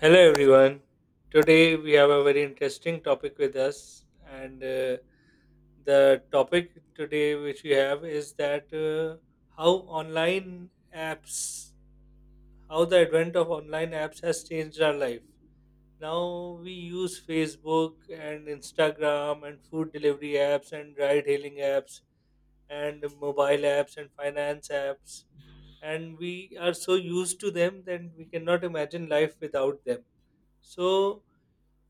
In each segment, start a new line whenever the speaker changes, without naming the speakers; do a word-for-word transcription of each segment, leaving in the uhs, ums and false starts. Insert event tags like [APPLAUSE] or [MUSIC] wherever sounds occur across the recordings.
Hello, everyone. Today we have a very interesting topic with us, and uh, the topic today which we have is that uh, how online apps, how the advent of online apps has changed our life. Now we use Facebook and Instagram and food delivery apps and ride-hailing apps and mobile apps and finance apps, and we are so used to them that we cannot imagine life without them. So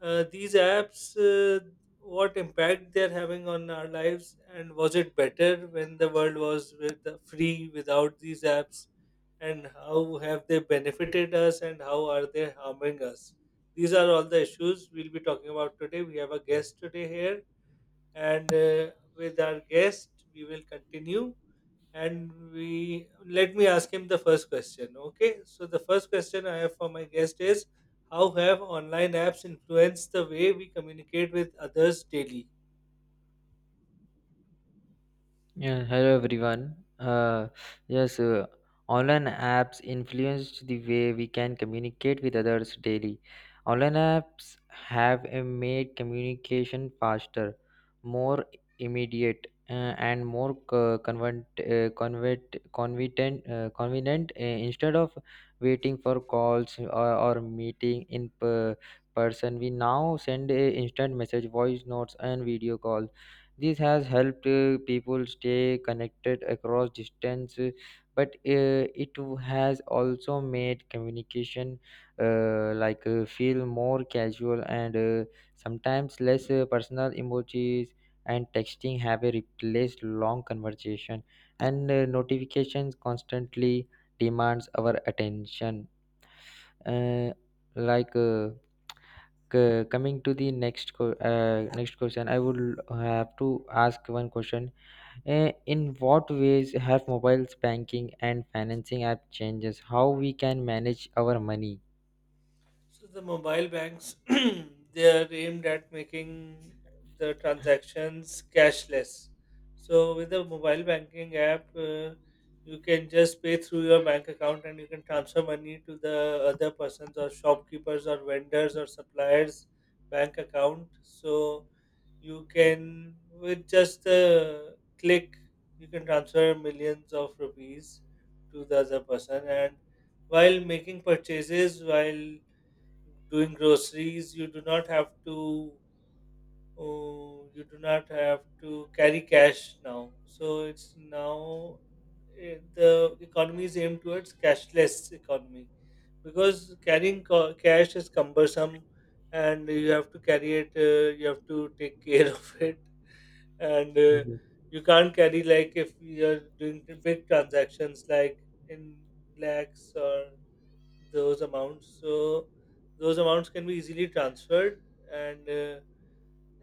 uh, these apps, uh, what impact they're having on our lives, and was it better when the world was with the free without these apps, and how have they benefited us, and how are they harming us? These are all the issues we'll be talking about today. We have a guest today here, and uh, with our guest, we will continue and we let me ask him the first question. Okay, so the first question I have for my guest is, how have online apps influenced the way we communicate with others daily?
Yeah, hello everyone. Uh, yes, uh, online apps influenced the way we can communicate with others daily. Online apps have uh, made communication faster, more immediate, uh, and more co- convent, uh, convert, convenient, uh, convenient uh, instead of waiting for calls or, or meeting in per person. We now send a instant message, voice notes, and video calls. This has helped uh, people stay connected across distance, uh, but uh, it has also made communication uh, like uh, feel more casual and uh, sometimes less uh, personal. Emojis and texting have uh, replaced long conversation, and uh, notifications constantly demands our attention. Uh, like. Uh, c- coming to the next co- uh, next question, I would have to ask one question. Eh, in what ways have mobiles banking and financing app changes how we can manage our money?
So the mobile banks [CLEARS THROAT] they are aimed at making the transactions cashless. So with the mobile banking app, uh, you can just pay through your bank account and you can transfer money to the other persons or shopkeepers or vendors or suppliers bank account. So you can with just a click you can transfer millions of rupees to the other person, and while making purchases, while doing groceries, you do not have to uh, you do not have to carry cash now. So it's now eh, the economy is aimed towards cashless economy because carrying co- cash is cumbersome and you have to carry it, uh, you have to take care [LAUGHS] of it, and uh, you can't carry, like if you're doing the big transactions like in lakhs or those amounts. So those amounts can be easily transferred. And uh,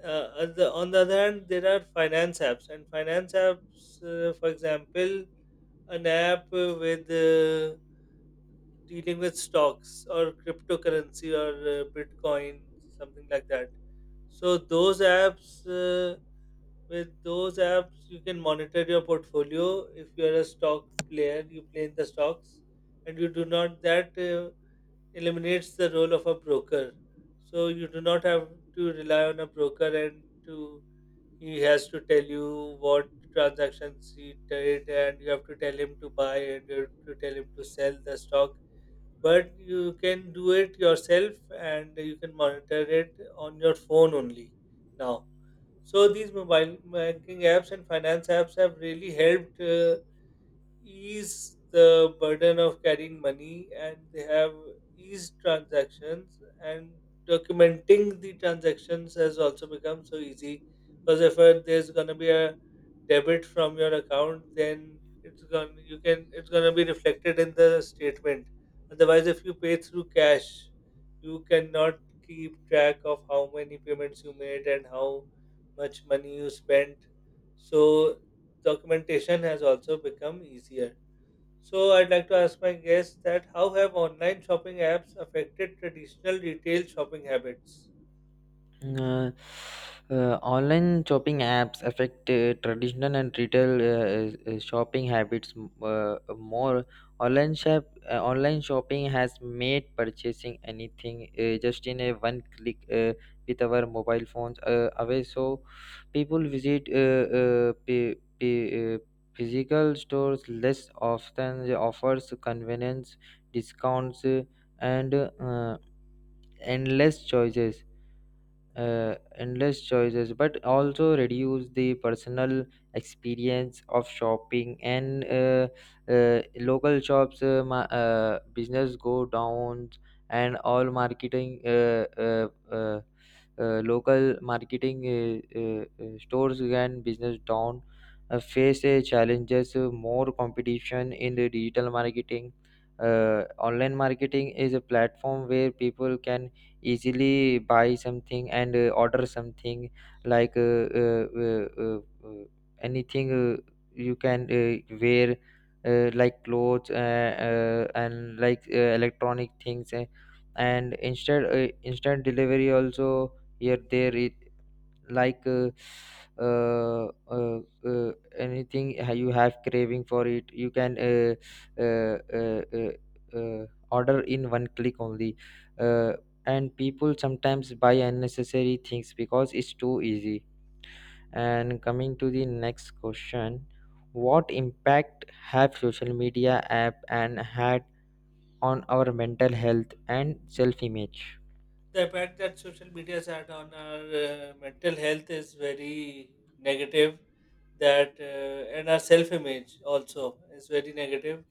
uh, on the on the other hand, there are finance apps, and finance apps, uh, for example, an app uh, with uh, dealing with stocks or cryptocurrency or uh, Bitcoin, something like that. So those apps, uh, with those apps, you can monitor your portfolio. If you are a stock player, you play in the stocks, and you do not that. Uh, eliminates the role of a broker. So you do not have to rely on a broker, and to he has to tell you what transactions he did, and you have to tell him to buy and you have to tell him to sell the stock. But you can do it yourself and you can monitor it on your phone only now. So these mobile banking apps and finance apps have really helped uh, ease the burden of carrying money, and they have eased transactions, and documenting the transactions has also become so easy because if uh, there's going to be a debit from your account, then it's going to you can it's going to be reflected in the statement. Otherwise, if you pay through cash, you cannot keep track of how many payments you made and how much money you spent. So documentation has also become easier. So, I'd like to ask my guests that, how have online shopping apps affected traditional retail shopping habits?
Mm, Uh, uh, online shopping apps affect uh, traditional and retail uh, uh, shopping habits m- uh, more. Online shop uh, Online shopping has made purchasing anything uh, just in a one click uh, with our mobile phones uh, away. So people visit uh, uh, p- p- uh, physical stores less often. They offers convenience, discounts, uh, and uh, endless choices uh, endless choices but also reduce the personal experience of shopping, and uh, uh, local shops uh, ma- uh, business go down, and all marketing uh, uh, uh, uh, local marketing uh, uh, uh, stores and business down uh, face uh, challenges, uh, more competition in the digital marketing. Uh, online marketing is a platform where people can easily buy something and uh, order something, like uh, uh, uh, uh, uh, anything. Uh, you can uh, wear, uh, like clothes uh, uh, and like uh, electronic things, uh, and instead uh, instant delivery also here there it like uh, uh, uh, uh, anything ha- you have craving for it, you can uh, uh, uh, uh, uh, order in one click only. uh, and people sometimes buy unnecessary things because it's too easy. And coming to the next question: what impact have social media app and had on our mental health and self image?
The impact that social media has had on our uh, mental health is very negative. That uh, and our self-image also is very negative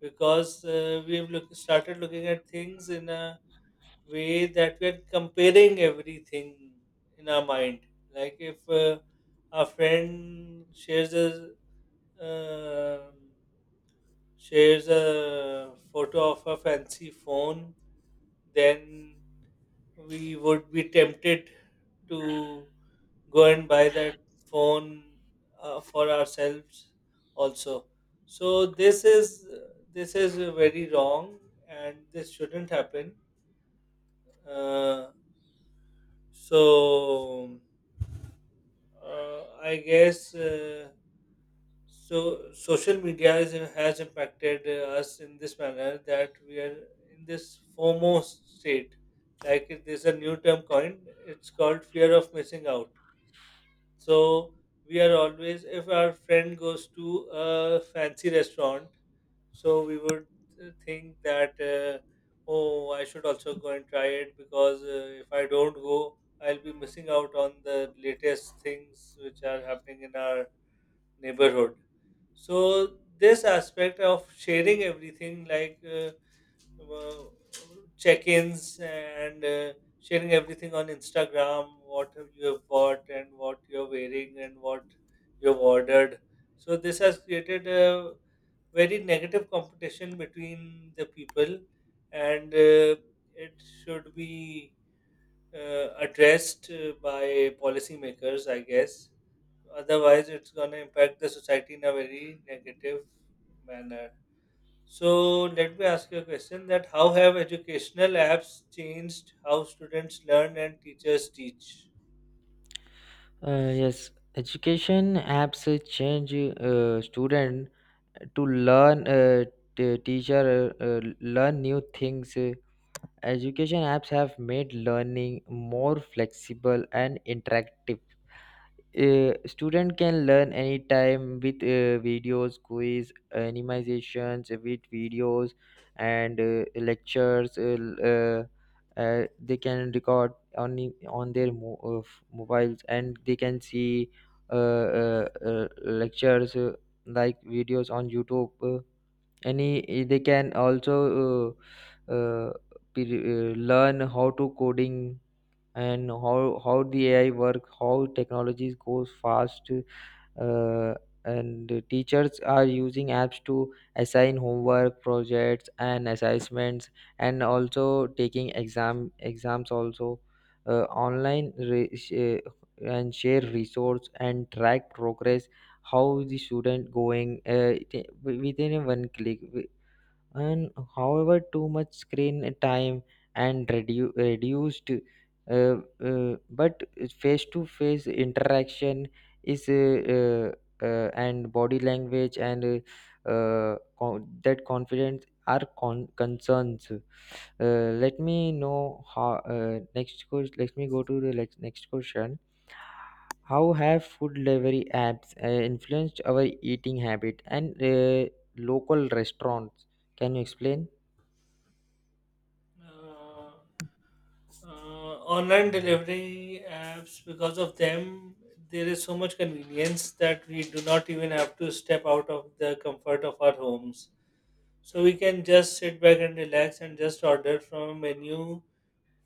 because uh, we've look, started looking at things in a way that we're comparing everything in our mind. Like if uh, a friend shares a um shares a photo of a fancy phone, then we would be tempted to go and buy that phone uh, for ourselves also. So this is this is very wrong, and this shouldn't happen. Uh, so uh, I guess. Uh, So social media is, has impacted uh, us in this manner that we are in this FOMO state. Like it- there's a new term coined, it's called fear of missing out. So we are always, if our friend goes to a fancy restaurant, so we would uh, think that, uh, oh, I should also go and try it because uh, if I don't go, I'll be missing out on the latest things which are happening in our neighborhood. So this aspect of sharing everything, like uh, uh, check-ins and uh, sharing everything on instagram what have you have bought and what you're wearing and what you've ordered. So this has created a very negative competition between the people, and uh, it should be uh, addressed uh, by policymakers, I guess. Otherwise, it's going to impact the society in a very negative manner. So, let me ask you a question: that how have educational apps changed how students learn and teachers teach?
uh, Yes, education apps change uh, student to learn, uh, t- teacher uh, uh, learn new things. Uh, education apps have made learning more flexible and interactive. Uh, student can learn anytime with uh, videos, quiz, animations, with videos and uh, lectures. Uh, l- uh, uh, they can record on i- on their mo- uh, f- mobiles, and they can see uh, uh, uh, lectures uh, like videos on YouTube, and he, he- they can also uh, uh, pe- uh, learn how to coding and how how the AI work, how technologies goes fast. uh, and the teachers are using apps to assign homework, projects, and assessments, and also taking exam exams also uh, online, re- sh- uh, and share resource and track progress, how the student going uh, it- within a one click. And however, too much screen time and redu- reduced uh, uh, but face to face interaction is uh, uh, uh, and body language and uh, uh, co- that confidence are con- concerns. Uh, let me know how uh, next question. Let me go to the next next question: how have food delivery apps uh, influenced our eating habit and uh, local restaurants? Can you explain?
Uh, uh, online delivery apps, because of them there is so much convenience that we do not even have to step out of the comfort of our homes. So we can just sit back and relax and just order from a menu.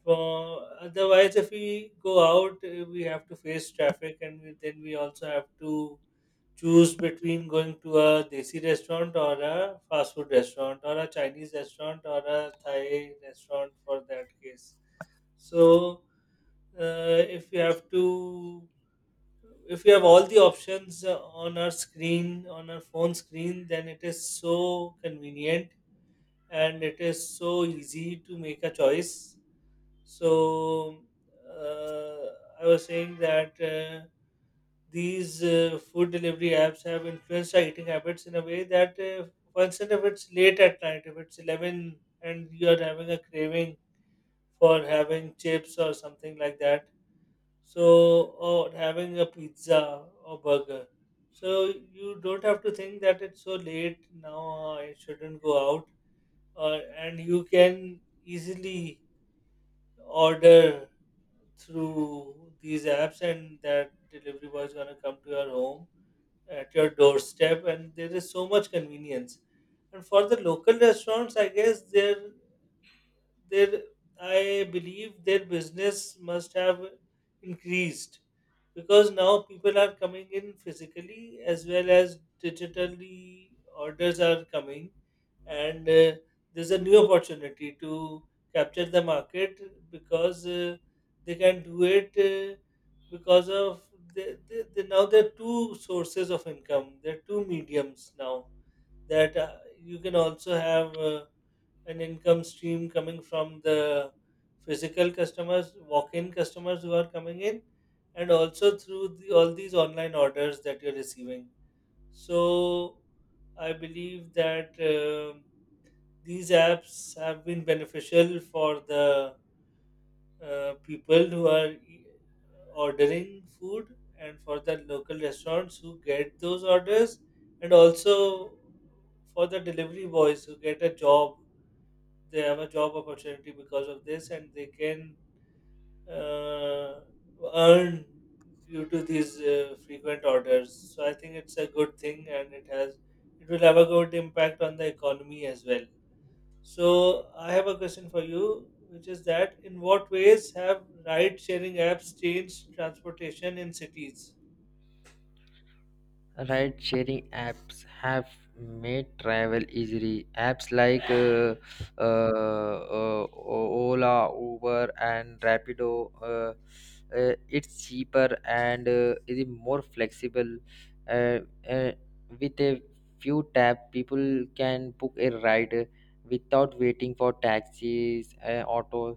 For otherwise, if we go out, uh, we have to face traffic, and we, then we also have to choose between going to a desi restaurant or a fast food restaurant or a chinese restaurant or a thai restaurant, for that case. So uh, if you have to if you have all the options uh, on our screen on our phone screen, then it is so convenient and it is so easy to make a choice. So uh, I was saying that, uh, these uh, food delivery apps have influenced our eating habits in a way that, uh, for instance, if it's late at night, if it's eleven and you're having a craving for having chips or something like that, so or having a pizza or burger, so you don't have to think that it's so late now, I shouldn't go out, or and you can easily order through these apps and that delivery boy is going to come to your home at your doorstep, and there is so much convenience. And for the local restaurants, I guess their their I believe their business must have increased because now people are coming in physically as well as digitally, orders are coming, and uh, there's a new opportunity to capture the market because uh, they can do it uh, because of the, the, the now there are two sources of income, there are two mediums now, that uh, you can also have uh, an income stream coming from the physical customers, walk-in customers who are coming in, and also through the, all these online orders that you're receiving. So I believe that um these apps have been beneficial for the uh, people who are e- ordering food, and for the local restaurants who get those orders, and also for the delivery boys who get a job. They have a job opportunity because of this and they can uh, earn due to these uh, frequent orders. So I think it's a good thing and it has it will have a good impact on the economy as well. So I have a question for you, which is that, in what ways have ride-sharing apps changed transportation in cities?
Ride sharing apps have made travel easy. Apps like uh, uh, uh, Ola, Uber, and Rapido. Uh, uh, it's cheaper and uh, is more flexible. Uh, uh, with a few tap, people can book a ride without waiting for taxis, uh, autos.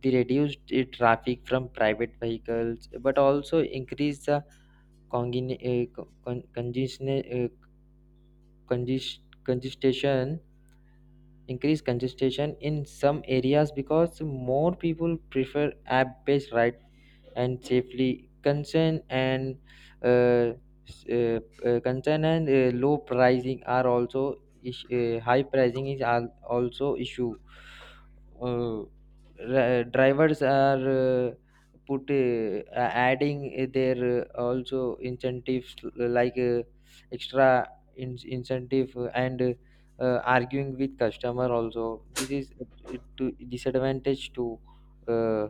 They reduce the traffic from private vehicles, but also increase the Congin- uh, con- congestion uh, congest- congestion, increase congestion in some areas because more people prefer app based ride. And safely concern and uh, s- uh, uh, concern and uh, low pricing are also is- uh, high pricing is al- also issue. uh, ra- Drivers are uh, put uh, adding their uh, also incentives, like uh, extra in- incentive, and uh, arguing with customer also. This is uh, to disadvantage to uh,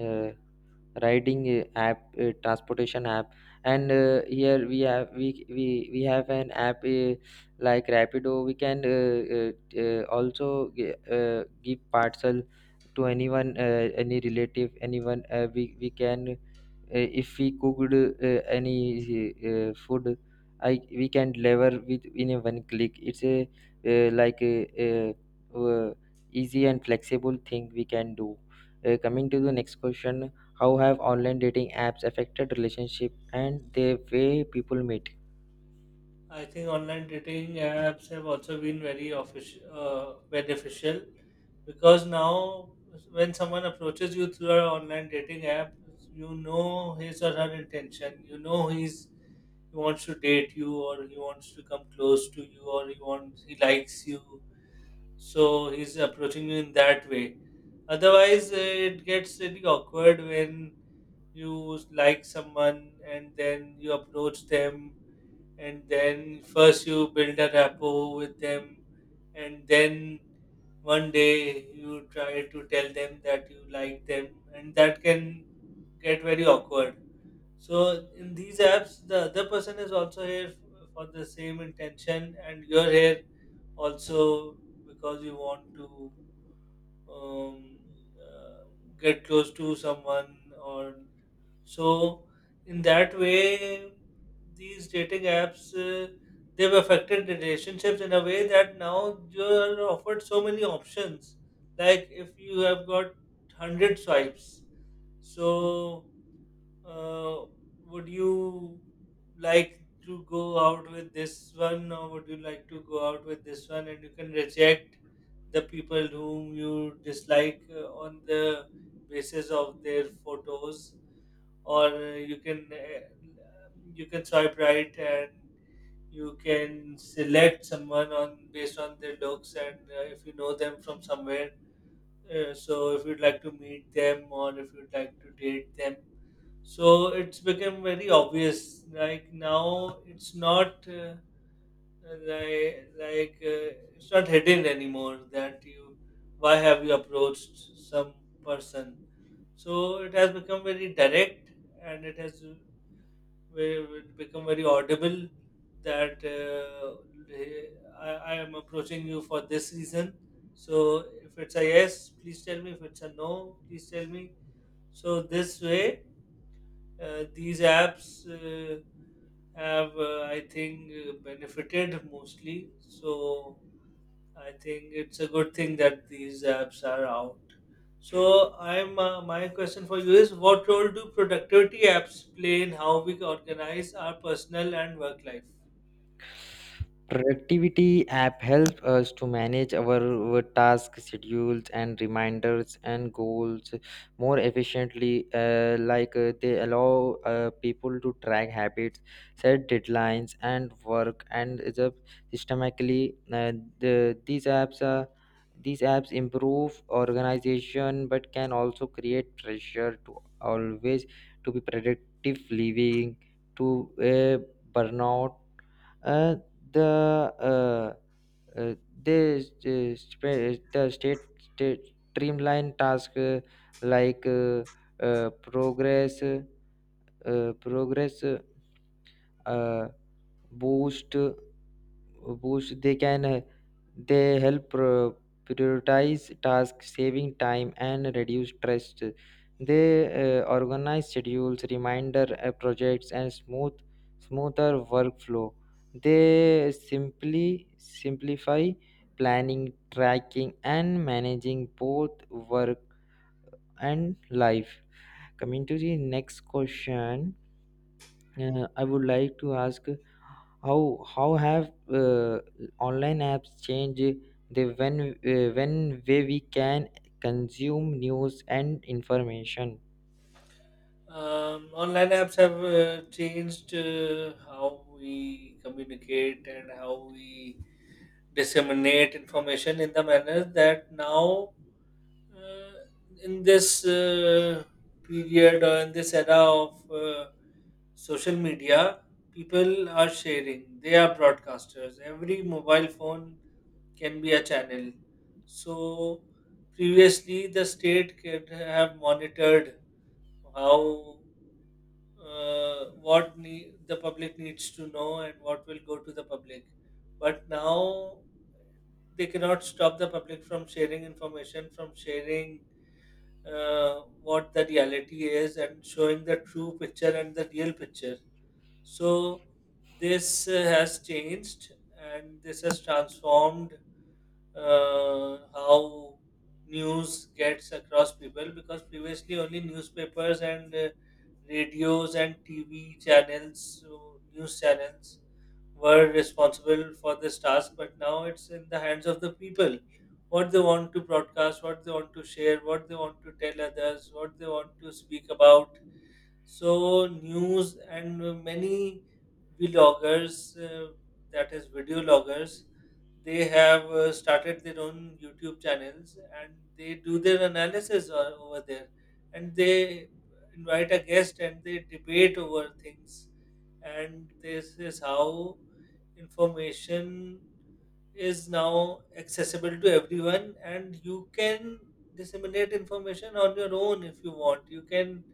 uh, riding uh, app, uh, transportation app. And uh, here we have, we we, we have an app uh, like Rapido. We can uh, uh, uh, also gi- uh, give parcel to anyone, uh, any relative, anyone. Uh, we, we can, uh, if we cooked uh, any uh, food, I we can deliver with in a one click. It's a uh, like a, a, uh easy and flexible thing we can do. Uh, coming to the next question: how have online dating apps affected relationship and the way people meet?
I think online dating apps have also been very offici uh, beneficial because now when someone approaches you through an online dating app, you know his or her intention. You know he's he wants to date you, or he wants to come close to you, or he wants he likes you, so he's approaching you in that way. Otherwise, uh, it gets really awkward when you like someone and then you approach them, and then first you build a rapport with them, and then one day you try to tell them that you like them, and that can get very awkward. So in these apps the other person is also here f- for the same intention, and you're here also because you want to um, uh, get close to someone, or. So in that way these dating apps uh, they've affected relationships in a way that now you're offered so many options. Like if you have got one hundred swipes, so uh, would you like to go out with this one, or would you like to go out with this one? And you can reject the people whom you dislike uh, on the basis of their photos, or uh, you can uh, you can swipe right and you can select someone on based on their looks, and uh, if you know them from somewhere. Uh, so if you'd like to meet them or if you'd like to date them, so it's become very obvious, like, now it's not uh, like, like uh, it's not hidden anymore that you why have you approached some person. So it has become very direct, and it has uh, very, become very audible that uh, hey, I, I am approaching you for this reason, so if it's a yes, please tell me, if it's a no, please tell me. So this way, uh, these apps uh, have, uh, I think, uh, benefited mostly. So I think it's a good thing that these apps are out. So I'm uh, my question for you is, what role do productivity apps play in how we organize our personal and work life?
Productivity app helps us to manage our, our task, schedules, and reminders, and goals more efficiently. Uh, like uh, they allow uh, people to track habits, set deadlines, and work and the systematically. Uh, the, these apps are, these apps improve organization but can also create pressure to always to be productive, living to a burnout. uh, the uh, uh, they uh, sp- the state, state streamline task, uh, like uh, uh, progress uh, progress uh, boost boost they can uh, they help pro- prioritize tasks, saving time and reduce stress. They uh, organize schedules, reminder, uh, projects, and smooth smoother workflow. They simply simplify planning, tracking, and managing both work and life. Coming to the next question, uh, I would like to ask: how how have uh, online apps changed the when uh, when way we can consume news and information?
Um, online apps have uh, changed uh, how we communicate and how we disseminate information, in the manner that now, uh, in this uh, period, or in this era of uh, social media, people are sharing. They are broadcasters. Every mobile phone can be a channel. So previously, the state could have monitored how, uh, what ne- the public needs to know and what will go to the public. But now they cannot stop the public from sharing information, from sharing uh, what the reality is, and showing the true picture and the real picture. So this uh, has changed, and this has transformed uh, how news gets across people, because previously only newspapers and uh, radios and T V channels, so news channels, were responsible for this task, but now it's in the hands of the people. What they want to broadcast, what they want to share, what they want to tell others, what they want to speak about. So news and many vloggers, uh, that is, video loggers, they have uh, started their own YouTube channels, and they do their analysis o- over there, and they invite a guest and they debate over things, and this is how information is now accessible to everyone, and you can disseminate information on your own. If you want, you can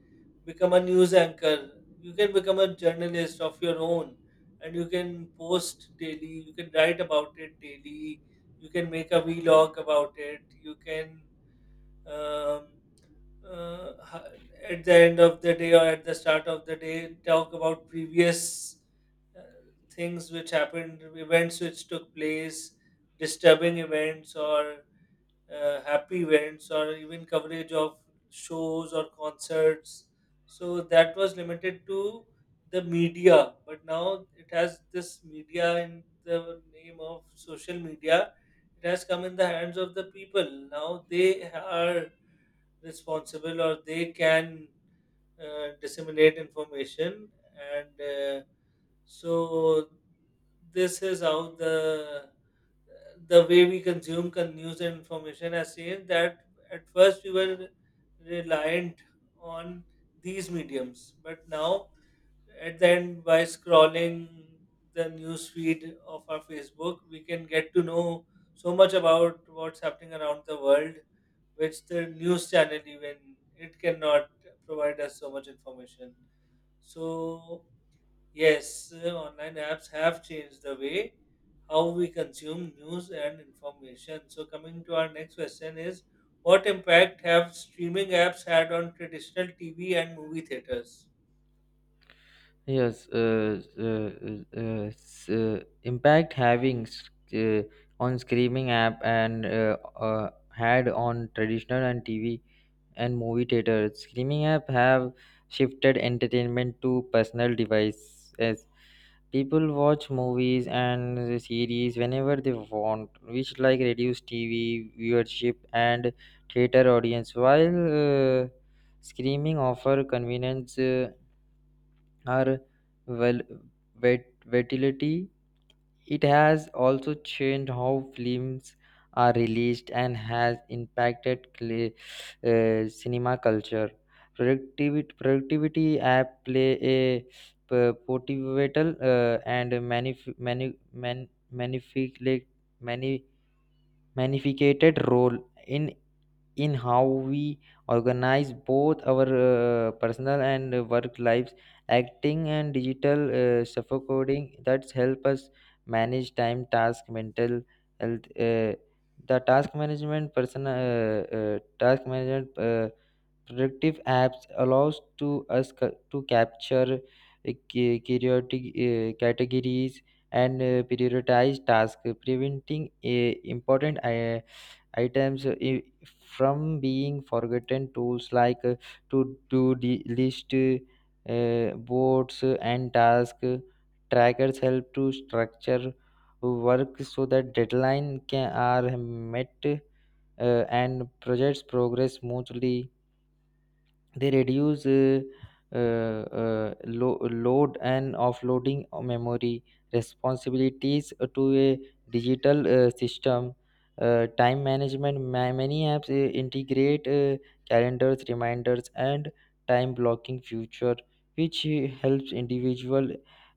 become a news anchor, you can become a journalist of your own, and you can post daily, you can write about it daily, you can make a vlog about it, you can um, uh, ha- at the end of the day, or at the start of the day, talk about previous uh, things which happened, events which took place, disturbing events, or uh, happy events, or even coverage of shows or concerts. So that was limited to the media, but now it has, this media in the name of social media, it has come in the hands of the people. Now they are responsible, or they can uh, disseminate information. And uh, so this is how the the way we consume con- news and information has changed, that at first we were reliant on these mediums, but now, at the end, by scrolling the news feed of our Facebook, we can get to know so much about what's happening around the world, which the news channel, even it cannot provide us so much information. So yes, uh, online apps have changed the way how we consume news and information. So coming to our next question is, what impact have streaming apps had on traditional TV and movie theaters?
Yes, uh, uh, uh, uh, s- uh, impact having s- uh, on streaming app and uh, uh, had on traditional and T V and movie theaters. Streaming app have shifted entertainment to personal devices. People watch movies and series whenever they want, which like reduce T V viewership and theater audience. While uh, streaming offer convenience, uh, are well vet- versatility, it has also changed how films are released and has impacted cl- uh, cinema culture. Productivity, productivity app play a p- pivotal uh, and manif- mani- man- magnific- like, mani- magnificated role in in how we organize both our uh, personal and work lives, acting and digital uh, suffocoding, that's help us manage time, task, mental health. Uh, the task management personal uh, uh, Task management: uh, productive apps allows to us ca- to capture uh, ca- periodic uh, categories and uh, prioritize tasks, preventing uh, important uh, items uh, i- from being forgotten. Tools like uh, to do the list, uh, boards, uh, and task trackers help to structure work so that deadline can are met, uh, and projects progress smoothly. They reduce uh, uh, uh, lo- load and offloading of memory responsibilities to a digital uh, system. Uh, time management: ma- many apps uh, integrate uh, calendars, reminders, and time blocking feature, which uh, helps individual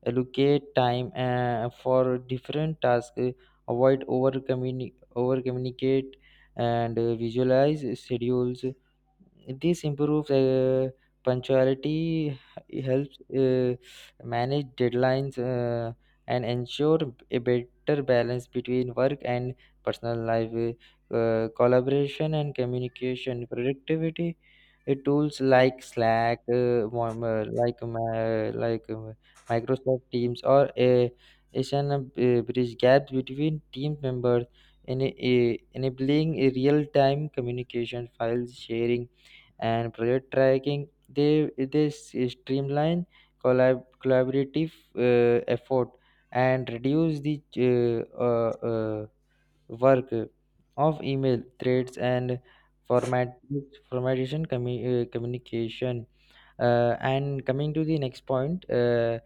allocate time uh, for different tasks, uh, avoid over communicate, and uh, visualize schedules. This improves uh, punctuality, helps uh, manage deadlines, uh, and ensure a better balance between work and personal life. Uh, collaboration and communication: productivity uh, tools like Slack, uh, mo- mo- like my, like uh, Microsoft Teams, or a Asian uh, bridge gaps between team members, ena- eh, enabling real time communication, files sharing, and project tracking. they they s- streamline collab, collaborative uh, effort and reduce the uh, uh, uh, work of email threads and format formatization commu- uh, communication. Uh, and coming to the next point, uh,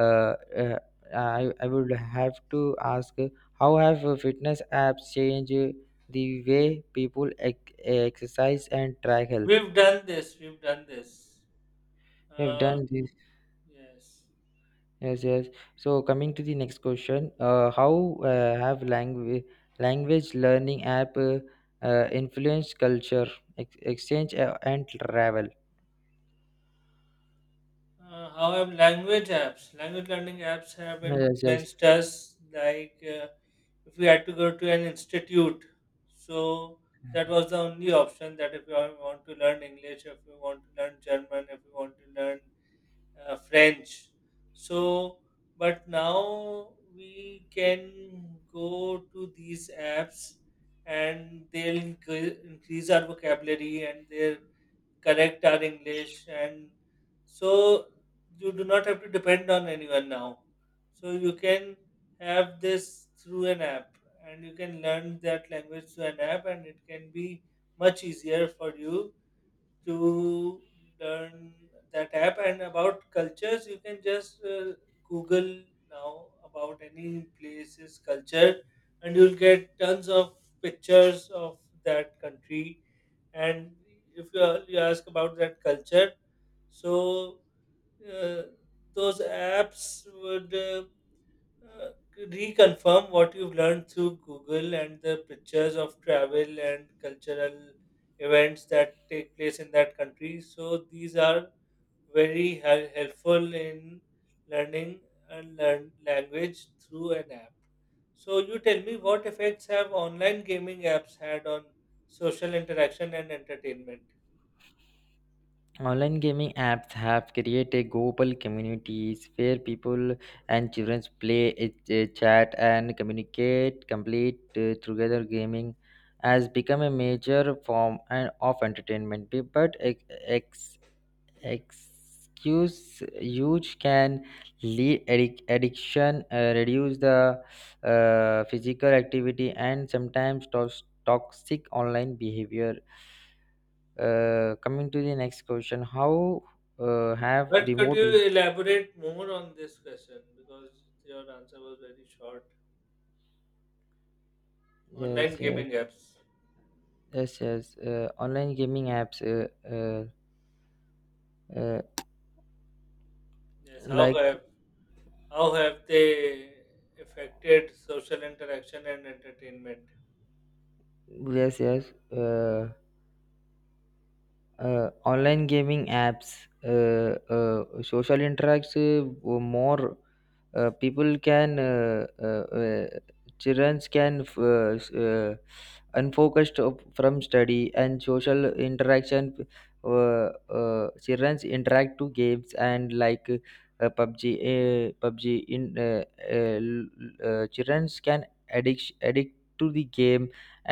uh, uh, I, I would have to ask: uh, how have uh, fitness apps changed uh, the way people ec- exercise and track health?
We've done this. We've done this.
We have
Uh,
done this.
yes.
Yes, yes. So coming to the next question: uh, how uh, have language language learning app uh, uh, influenced culture, ex- exchange, uh, and travel?
Uh, however, language apps, language learning apps have
Yes, yes.
influenced us. Like, uh, if we had to go to an institute, so that was the only option. That if you want to learn English, if you want to learn German, if you want to learn uh, French. So, but now we can go to these apps, and they'll incre- increase our vocabulary, and they'll correct our English. And so you do not have to depend on anyone now. So you can have this through an app, and you can learn that language through an app, and it can be much easier for you to learn that app. And about cultures, you can just uh, google now about any place's culture, and you'll get tons of pictures of that country. And if you, you ask about that culture, so uh, those apps would uh, uh, reconfirm what you've learned through Google, and the pictures of travel and cultural events that take place in that country. So these are very hel- helpful in learning and learn language through an app. So you tell me, what effects have online gaming apps had on social interaction and entertainment?
Online gaming apps have created global communities where people and children play, uh, uh, chat, and communicate. Complete uh, Together, gaming has become a major form and of entertainment, be- but ex- excuse use can lead addic- addiction, uh, reduce the uh, physical activity, and sometimes tos- toxic online behavior. Uh, coming to the next question how uh, have
But could
remote
you elaborate more on this question, because your answer was very short. Online
yes yes
gaming apps.
Yes, yes, uh, online gaming apps uh, uh, uh,
Yes, how
like
have how have they affected social interaction and entertainment?
yes yes uh, uh, online gaming apps uh, uh, social interacts uh, more. Uh, people can, uh, uh, uh, children can f- uh, s- uh, unfocused of- from study and social interaction. Uh, uh, children interact to games, and like uh, pubg uh, PUBG. in uh, uh, l- uh, Children can addict addict to the game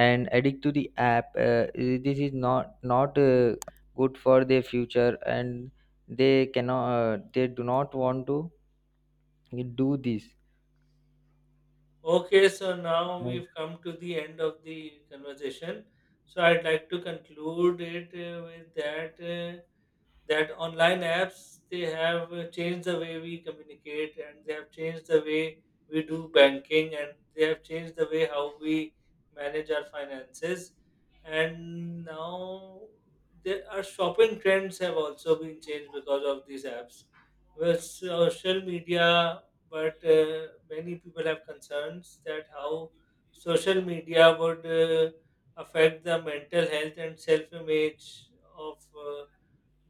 and addict to the app. Uh, this is not not uh, good for their future, and they cannot, uh, they do not want to do this.
Okay, so now
Right.
we've come to the end of the conversation. So I'd like to conclude it uh, with that. Uh, that online apps, they have uh, changed the way we communicate, and they have changed the way we do banking, and they have changed the way how we manage our finances. And now, there, our shopping trends have also been changed because of these apps, with social media. But uh, many people have concerns that how social media would uh, affect the mental health and self image of uh,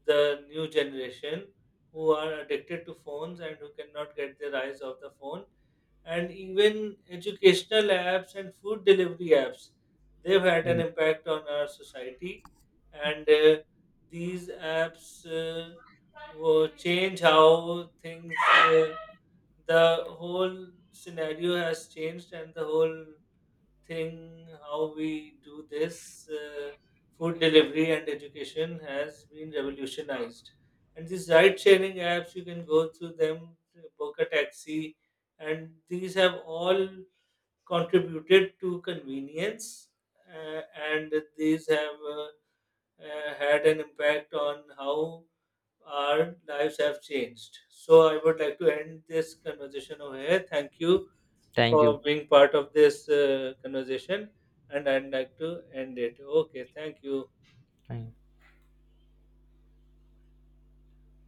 the new generation, who are addicted to phones and who cannot get their eyes off the phone. And even educational apps and food delivery apps, they've had an
Yeah.
impact on our society. And uh, these apps uh, will change how things, uh, the whole scenario has changed, and the whole thing, how we do this, uh, food delivery and education has been revolutionized. And these ride sharing apps, you can go through them, book a taxi, and these have all contributed to convenience. uh, and these have uh, uh, had an impact on how our lives have changed. So I would like to end this conversation over here. Thank you
Thank
for
you.
being part of this uh, conversation, and I'd like to end it. Okay, thank you.
Thank you.